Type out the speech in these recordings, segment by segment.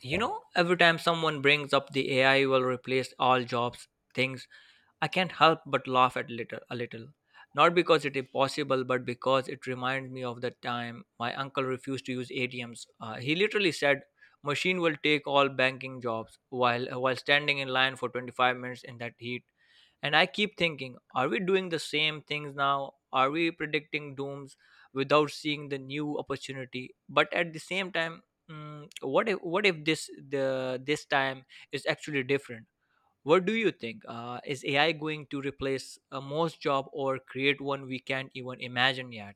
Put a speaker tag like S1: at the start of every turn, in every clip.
S1: Every time someone brings up the AI will replace all jobs things, I can't help but laugh at little a little. Not because it is possible, but because it reminds me of the time my uncle refused to use ATMs. He literally said, "Machine will take all banking jobs," while standing in line for 25 minutes in that heat. And I keep thinking, are we doing the same things now? Are we predicting dooms without seeing the new opportunity? But at the same time, what if this time is actually different? What do you think? Is AI going to replace a most job or create one we can't even imagine yet?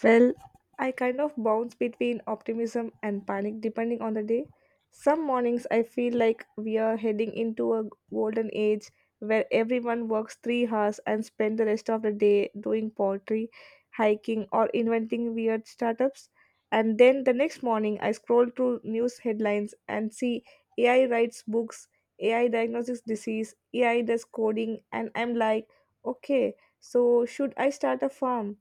S2: Well, I kind of bounce between optimism and panic depending on the day. Some mornings I feel like we are heading into a golden age where everyone works 3 hours and spend the rest of the day doing pottery, hiking or inventing weird startups. And then the next morning I scroll through news headlines and see AI writes books, AI diagnoses disease, AI does coding and I'm like, okay, so should I start a farm?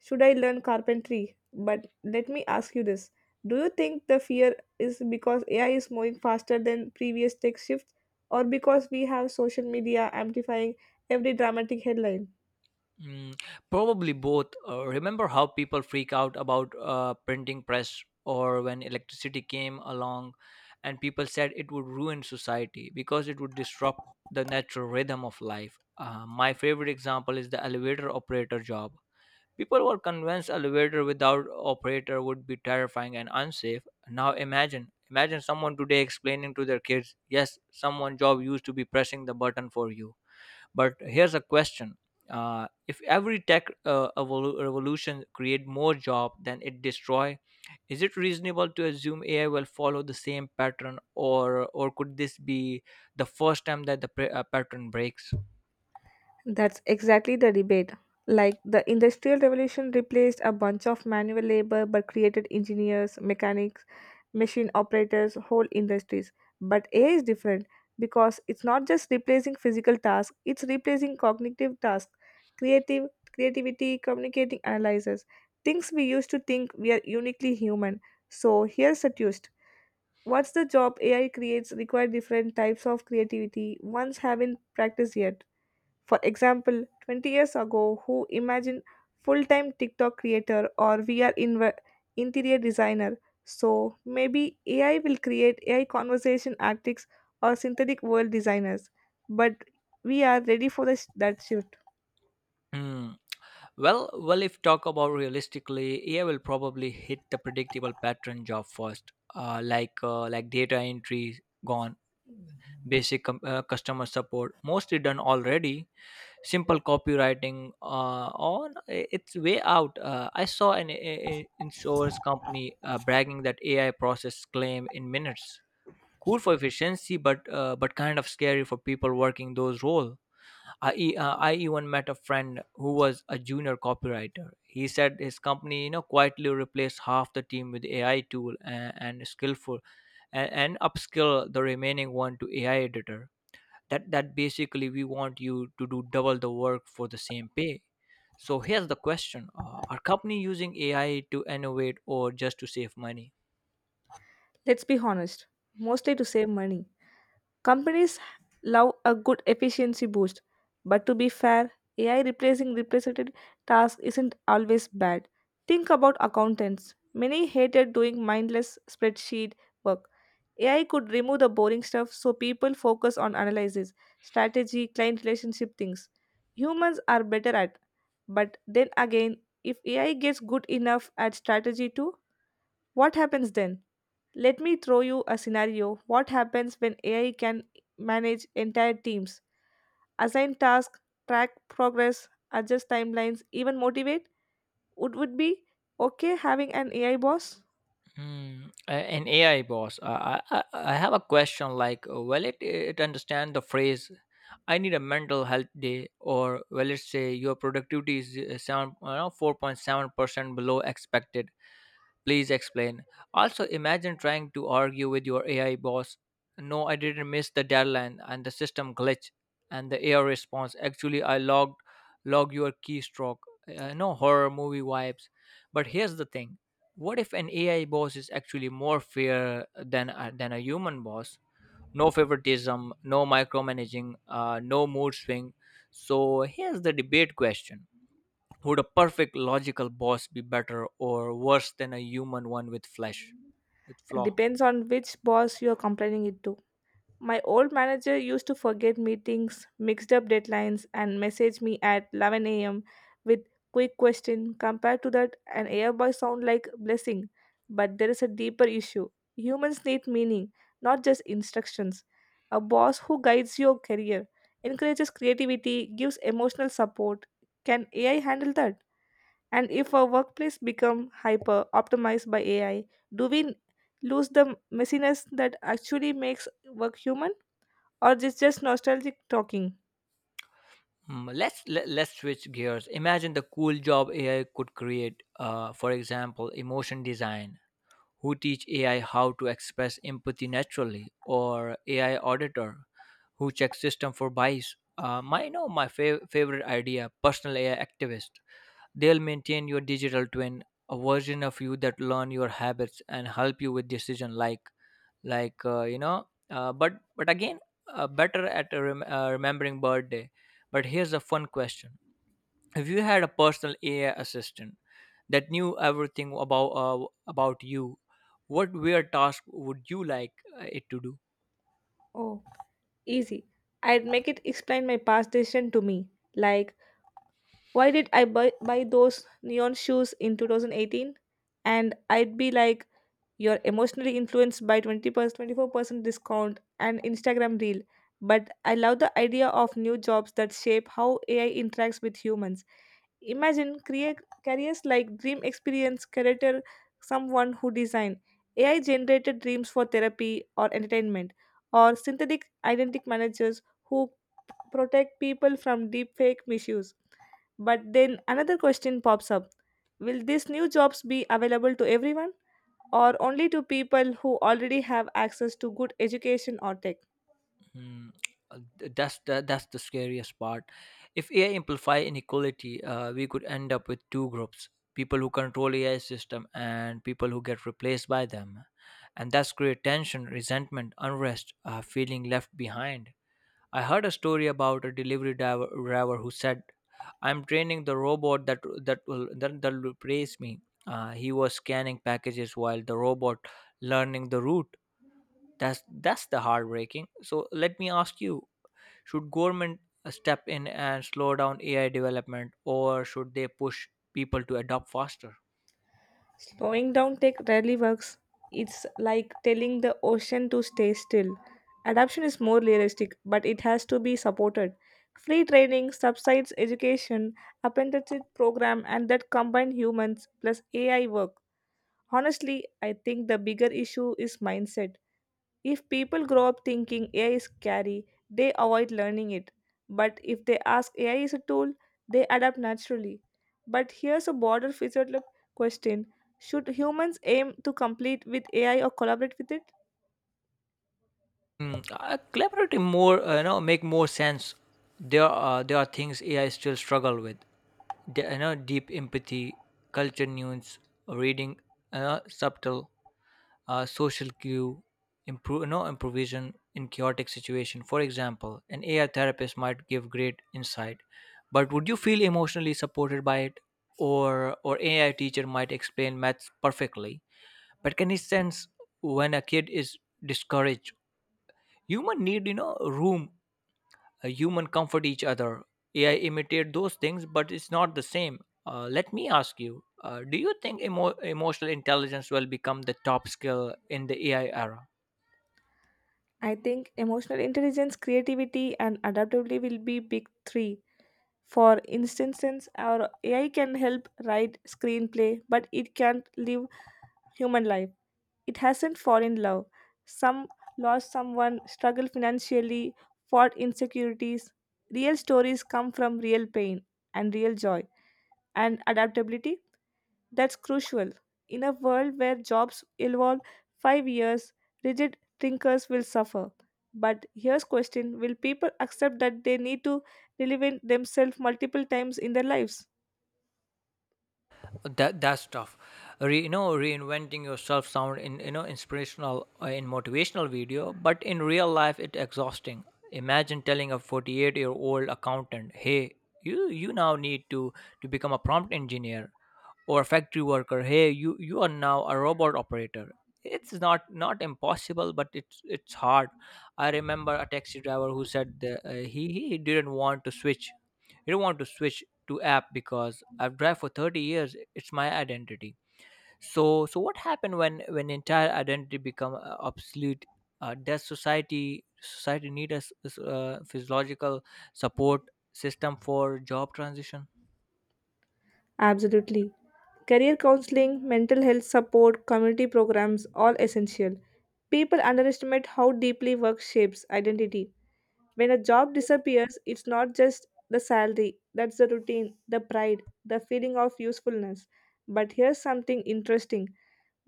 S2: Should I learn carpentry? But let me ask you this. Do you think the fear is because AI is moving faster than previous tech shifts, or because we have social media amplifying every dramatic headline?
S1: Mm, Probably both. Remember how people freak out about printing press or when electricity came along and people said it would ruin society because it would disrupt the natural rhythm of life. My favorite example is the elevator operator job. People were convinced elevator without operator would be terrifying and unsafe. Now imagine someone today explaining to their kids, yes, someone job used to be pressing the button for you. But here's a question: uh, if every tech revolution create more job than it destroy, is it reasonable to assume AI will follow the same pattern, or could this be the first time that the pattern breaks?
S2: That's exactly the debate. Like the Industrial Revolution replaced a bunch of manual labor but created engineers, mechanics, machine operators, whole industries. But AI is different because it's not just replacing physical tasks, it's replacing cognitive tasks, creative creativity, communicating analysis, things we used to think we are uniquely human. So here's a twist. What's the job AI creates require different types of creativity ones haven't practiced yet? For example, 20 years ago, who imagined full-time TikTok creator or VR interior designer? So maybe AI will create AI conversation artists or synthetic world designers. But we are ready for that shift.
S1: Hmm. Well, if talk about realistically, AI will probably hit the predictable pattern job first, like data entry gone, basic customer support mostly done already, simple copywriting on its way out. I saw an insurance company bragging that AI process claim in minutes. Cool for efficiency, but but kind of scary for people working those roles. I even met a friend who was a junior copywriter. He said his company quietly replaced half the team with AI tool and skillful and upskill the remaining one to AI editor that basically we want you to do double the work for the same pay. So here's the question, are company using AI to innovate or just to save money?
S2: Let's be honest, mostly to save money. Companies love a good efficiency boost, but to be fair, AI replacing represented tasks isn't always bad. Think about accountants. Many hated doing mindless spreadsheet work. AI could remove the boring stuff so people focus on analysis, strategy, client relationship things. Humans are better at, but then again, if AI gets good enough at strategy too, what happens then? Let me throw you a scenario. What happens when AI can manage entire teams, assign tasks, track progress, adjust timelines, even motivate? Would be okay having an AI boss?
S1: An AI boss, I have a question like, will it understand the phrase "I need a mental health day," or will it say your productivity is uh, 7 you 4.7% below expected? Please explain. Also, imagine trying to argue with your AI boss. "No, I didn't miss the deadline and the system glitch," and the AI response, "Actually, I log your keystroke." No horror movie vibes. But here's the thing. What if an AI boss is actually more fair than a than a human boss? No favoritism, no micromanaging, no mood swing. So here's the debate question: would a perfect logical boss be better or worse than a human one with flesh, with flaw?
S2: Depends on which boss you are comparing it to. My old manager used to forget meetings, mixed up deadlines, and message me at 11 a.m. with quick question. Compared to that, an airbus sound like blessing, but there is a deeper issue. Humans need meaning, not just instructions. A boss who guides your career, encourages creativity, gives emotional support. Can AI handle that? And if our workplace become hyper optimized by AI, do we lose the messiness that actually makes work human? Or just nostalgic talking?
S1: Let's switch gears. Imagine the cool job AI could create. For example, emotion design. Who teach AI how to express empathy naturally, or AI auditor who checks system for bias. My no, my fav- favorite idea, personal AI activist. They'll maintain your digital twin, a version of you that learn your habits and help you with decision like. But again, better at remembering birthday. But here's a fun question: if you had a personal AI assistant that knew everything about about you, what weird task would you like it to do?
S2: Oh, easy. I'd make it explain my past decision to me, like why did I buy those neon shoes in 2018? And I'd be like, you're emotionally influenced by 20%, 24% discount and Instagram reel. But I love the idea of new jobs that shape how AI interacts with humans. Imagine careers like dream experience, career someone who design AI generated dreams for therapy or entertainment, or synthetic identity managers who protect people from deepfake misuse. But then another question pops up. Will these new jobs be available to everyone or only to people who already have access to good education or tech?
S1: Hmm. That's the scariest part. If AI amplify inequality, we could end up with two groups: people who control AI system and people who get replaced by them, and that's create tension, resentment, unrest, feeling left behind. I heard a story about a delivery driver who said, "I'm training the robot that will replace me." He was scanning packages while the robot learning the route. That's the heartbreaking. So let me ask you, should government step in and slow down AI development, or should they push people to adopt faster?
S2: Slowing down tech rarely works. It's like telling the ocean to stay still. Adoption is more realistic, but it has to be supported. Free training, subsides education, apprenticeship program, and that combine humans plus AI work. Honestly, I think the bigger issue is mindset. If people grow up thinking AI is scary, they avoid learning it. But if they ask AI is a tool, they adapt naturally. But here's a broader physical question. Should humans aim to compete with AI or collaborate with it?
S1: Collaborative more, make more sense. There are things AI still struggle with. The deep empathy, culture nuance, reading, subtle social cue, improve, no improvisation in chaotic situation. For example, an AI therapist might give great insight, but would you feel emotionally supported by it? Or AI teacher might explain maths perfectly, but can he sense when a kid is discouraged? Human need, room. Human comfort each other. AI imitate those things but it's not the same. Let me ask you, do you think emotional intelligence will become the top skill in the AI era?
S2: I think emotional intelligence, creativity, and adaptability will be big three. For instance, our AI can help write screenplay, but it can't live human life. It hasn't fallen in love. Some lost someone, struggled financially, fought insecurities. Real stories come from real pain and real joy and adaptability. That's crucial. In a world where jobs evolve 5 years, rigid thinkers will suffer. But here's question: will people accept that they need to reinvent themselves multiple times in their lives?
S1: That's tough. Re, you know Reinventing yourself sound in you know inspirational in motivational video, but in real life it's exhausting. Imagine telling a 48-year-old accountant, "Hey, you now need to become a prompt engineer," or a factory worker, "Hey, you are now a robot operator." It's not impossible, but it's hard. I remember a taxi driver who said that, he didn't want to switch to app because I've drive for 30 years, it's my identity. So what happened when entire identity become obsolete? Does society need a physiological support system for job transition?
S2: Absolutely. Career counseling, mental health support, community programs, all essential. People underestimate how deeply work shapes identity. When a job disappears, it's not just the salary, that's the routine, the pride, the feeling of usefulness. But here's something interesting.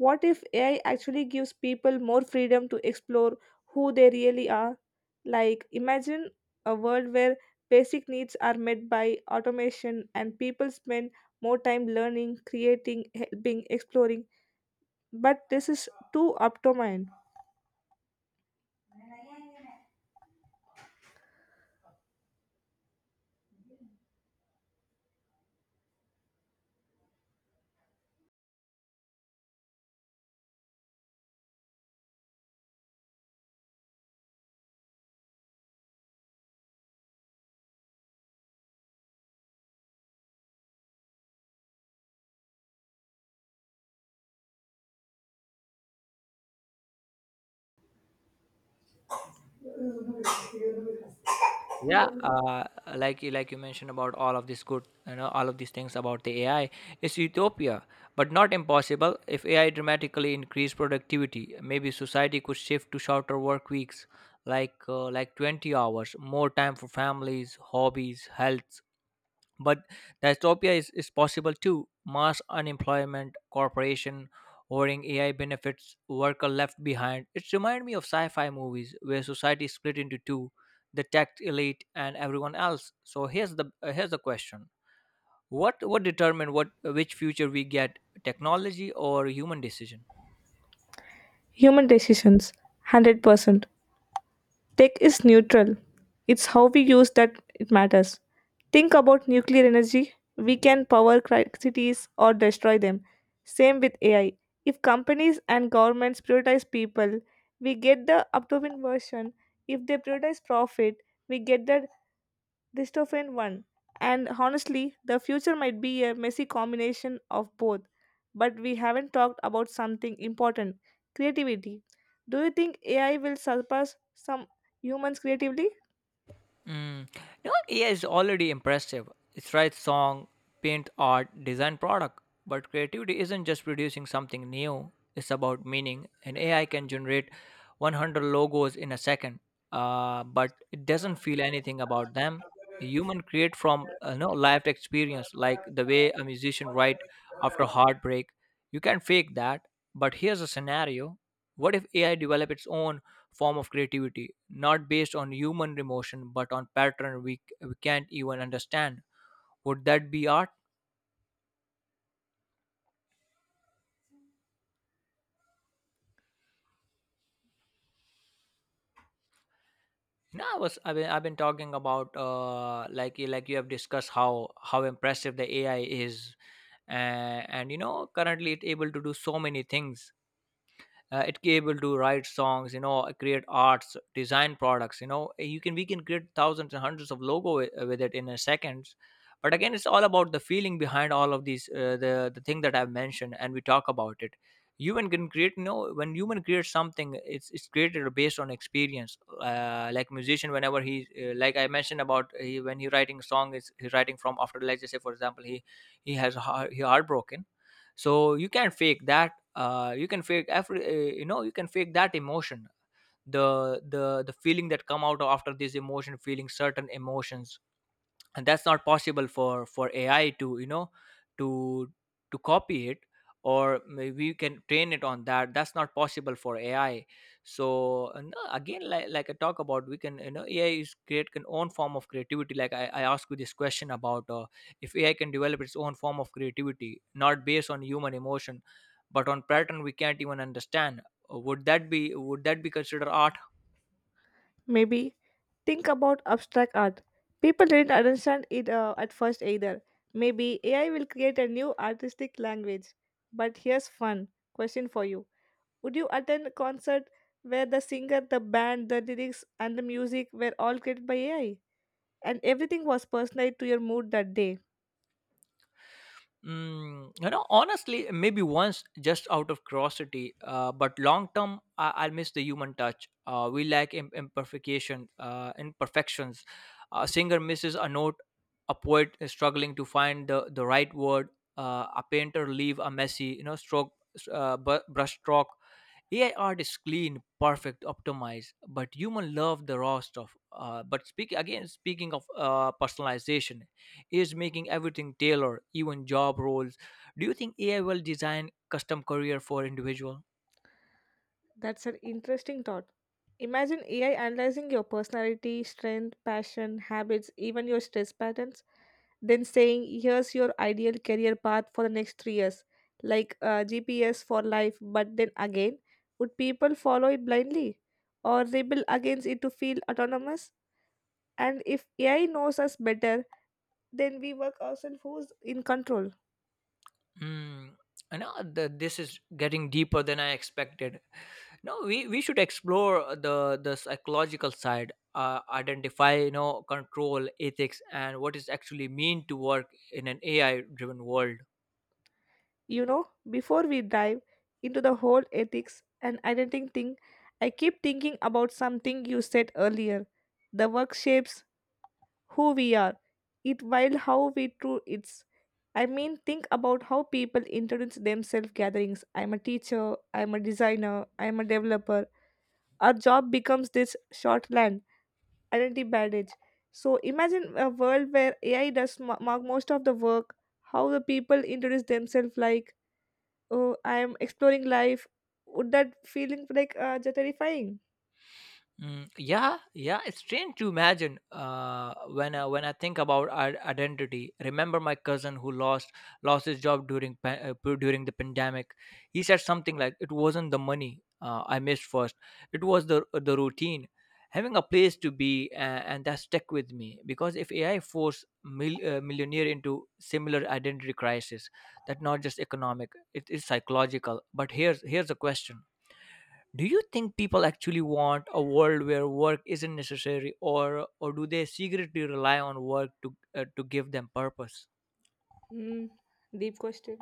S2: What if AI actually gives people more freedom to explore who they really are? Like, imagine a world where basic needs are met by automation and people spend more time learning, creating, helping, exploring. But this is too up to mine.
S1: Yeah, like you mentioned about all of this good you know all of these things about the AI, it's utopia, but not impossible. If AI dramatically increased productivity, maybe society could shift to shorter work weeks, like 20 hours, more time for families, hobbies, health. But dystopia is possible too. Mass unemployment, corporation hoarding AI benefits, worker left behind. It reminds me of sci-fi movies where society is split into two, the tech elite and everyone else. So here's the question. What determine what which future we get, technology or human decision?
S2: Human decisions, 100%. Tech is neutral. It's how we use that it matters. Think about nuclear energy. We can power cities or destroy them. Same with AI. If companies and governments prioritize people, we get the upcoming version. If they prioritize profit, we get the dystopian one. And honestly, the future might be a messy combination of both. But we haven't talked about something important creativity. Do you think AI will surpass some humans creatively?
S1: Mm. You know, AI is already impressive. It writes song, paint art, design product. But creativity isn't just producing something new, it's about meaning. And AI can generate 100 logos in a second, but it doesn't feel anything about them. The human create from lived experience, like the way a musician write after heartbreak. You can fake that. But here's a scenario: what if AI develop its own form of creativity, not based on human emotion but on pattern we can't even understand. Would that be art? No, I've been talking about like you have discussed how impressive the AI is, and currently it's able to do so many things. It able to write songs, create arts design products you know eh, you can we can create thousands and hundreds of logo with it in a seconds. But again, it's all about the feeling behind all of these, the thing that I've mentioned and we talk about it. Human can create. When human creates something, it's created based on experience, like musician whenever he, like I mentioned about he, when he writing song, is he's writing from after, like, just say for example, he has heartbroken. So you can fake that. You can fake every you know you can fake that emotion, the feeling that come out after this emotion, feeling certain emotions. And that's not possible for AI to, you know, to to copy it. Or maybe you can train it on that, that's not possible for AI. So, no, again, like I talk about, we can, AI is create an own form of creativity, like I asked you this question about, if AI can develop its own form of creativity not based on human emotion but on pattern we can't even understand, would that be considered art?
S2: Maybe. Think about abstract art. People didn't understand it at first either. Maybe AI will create a new artistic language. But here's fun question for you. Would you attend a concert where the singer, the band, the lyrics, and the music were all created by AI? And everything was personalized to your mood that day.
S1: Honestly, maybe once, just out of curiosity, but long term, I'll miss the human touch. We lack imperfections. A singer misses a note, a poet is struggling to find the right word, a painter leave a messy, stroke, brush stroke. AI art is clean, perfect, optimized, but human love the raw stuff. But speaking of personalization, is making everything tailored, even job roles. Do you think AI will design custom career for individual?
S2: That's an interesting thought. Imagine AI analyzing your personality, strength, passion, habits, even your stress patterns, then saying, here's your ideal career path for the next 3 years, like GPS for life. But then again, would people follow it blindly or rebel against it to feel autonomous? And if AI knows us better, then we work ourselves who's in control.
S1: Hmm. I know that this is getting deeper than I expected. No, we should explore the psychological side, identify, you know, control, ethics, and what is actually mean to work in an AI driven world.
S2: You know, before we dive into the whole ethics and identity thing, I keep thinking about something you said earlier. The work shapes who we are, it while how we true it's. I mean, think about how people introduce themselves gatherings. I'm a teacher, I'm a designer, I'm a developer. Our job becomes this shorthand, identity badge. So imagine a world where AI does most of the work, how the people introduce themselves like oh I'm exploring life. Would that feeling like terrifying?
S1: Yeah, yeah, it's strange to imagine. When I think about our identity, remember my cousin who lost his job during during the pandemic. He said something like, "It wasn't the money I missed first; it was the routine." Having a place to be, and that stuck with me because if AI force millionaire into similar identity crisis, that not just economic, it is psychological. But here's a question, do you think people actually want a world where work isn't necessary, or do they secretly rely on work to give them purpose?
S2: Hmm, deep question.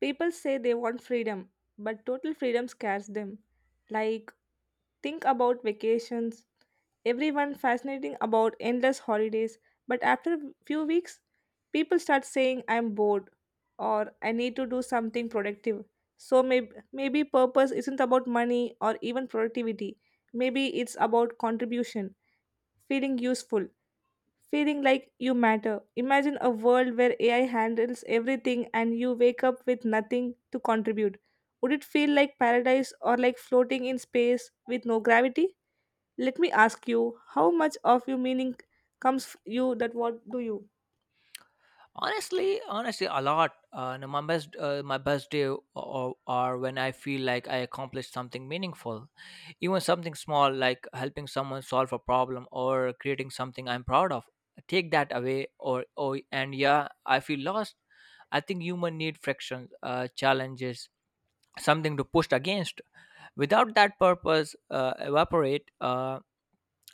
S2: People say they want freedom, but total freedom scares them. Like, think about vacations. Everyone fascinating about endless holidays, but after few weeks, people start saying I'm bored or I need to do something productive. So maybe purpose isn't about money or even productivity. Maybe it's about contribution, feeling useful. Feeling like you matter. Imagine a world where AI handles everything and you wake up with nothing to contribute. Would it feel like paradise or like floating in space with no gravity? Let me ask you, how much of your meaning comes you that what do you?
S1: Honestly, honestly, a lot. No, my best day are when I feel like I accomplished something meaningful, even something small, like helping someone solve a problem or creating something I'm proud of. Take that away, or and yeah, I feel lost. I think human need friction, challenges, something to push against. Without that, purpose evaporate.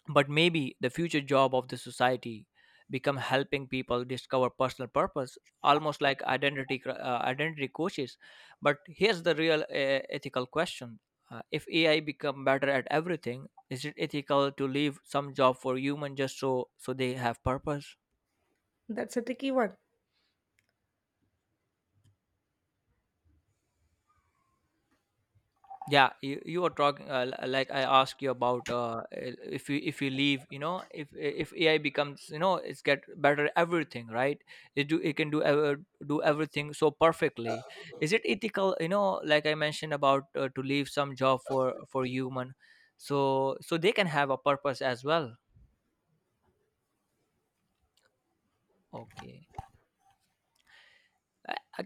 S1: But maybe the future job of the society become helping people discover personal purpose, almost like identity coaches. But here's the real ethical question. If ai become better at everything, is it ethical to leave some job for human just so they have purpose?
S2: That's a tricky one.
S1: Yeah, you were talking, like I asked you about, if you, if you leave, you know, if ai becomes, you know, it's get better at everything, right? It do, it can do, ever do everything so perfectly. Is it ethical, you know, like I mentioned about, to leave some job for for human, so they can have a purpose as well. Okay. I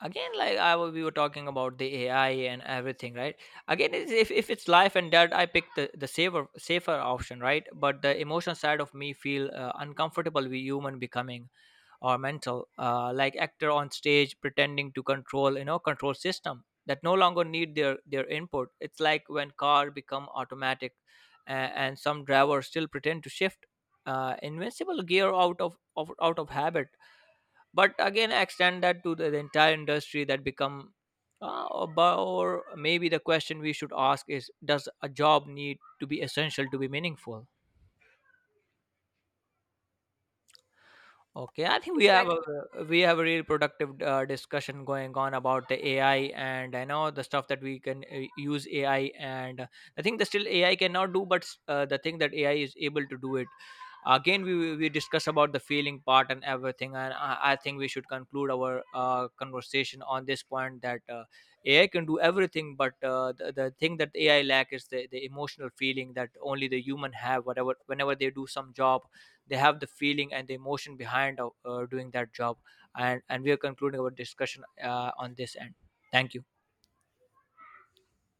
S1: Again, like we were talking about the ai and everything, right? Again, if it's life and death, I pick the safer option, right? But the emotional side of me feel uncomfortable with human becoming or mental, like actor on stage pretending to control, you know, control system that no longer need their input. It's like when car become automatic, and some drivers still pretend to shift invincible gear out of out of habit. But again, extend that to the entire industry that become, or maybe the question we should ask is, does a job need to be essential to be meaningful? Okay, I think we have
S2: Exactly.
S1: a, we have a real productive discussion going on about the AI, and I know the stuff that we can, use AI, and the thing that still AI cannot do, but the thing that AI is able to do it. Again, we discuss about the feeling part and everything, and I think we should conclude our conversation on this point that AI can do everything, but the thing that AI lack is the emotional feeling that only the human have. Whatever, whenever they do some job, they have the feeling and the emotion behind doing that job. And we are concluding our discussion on this end. Thank you.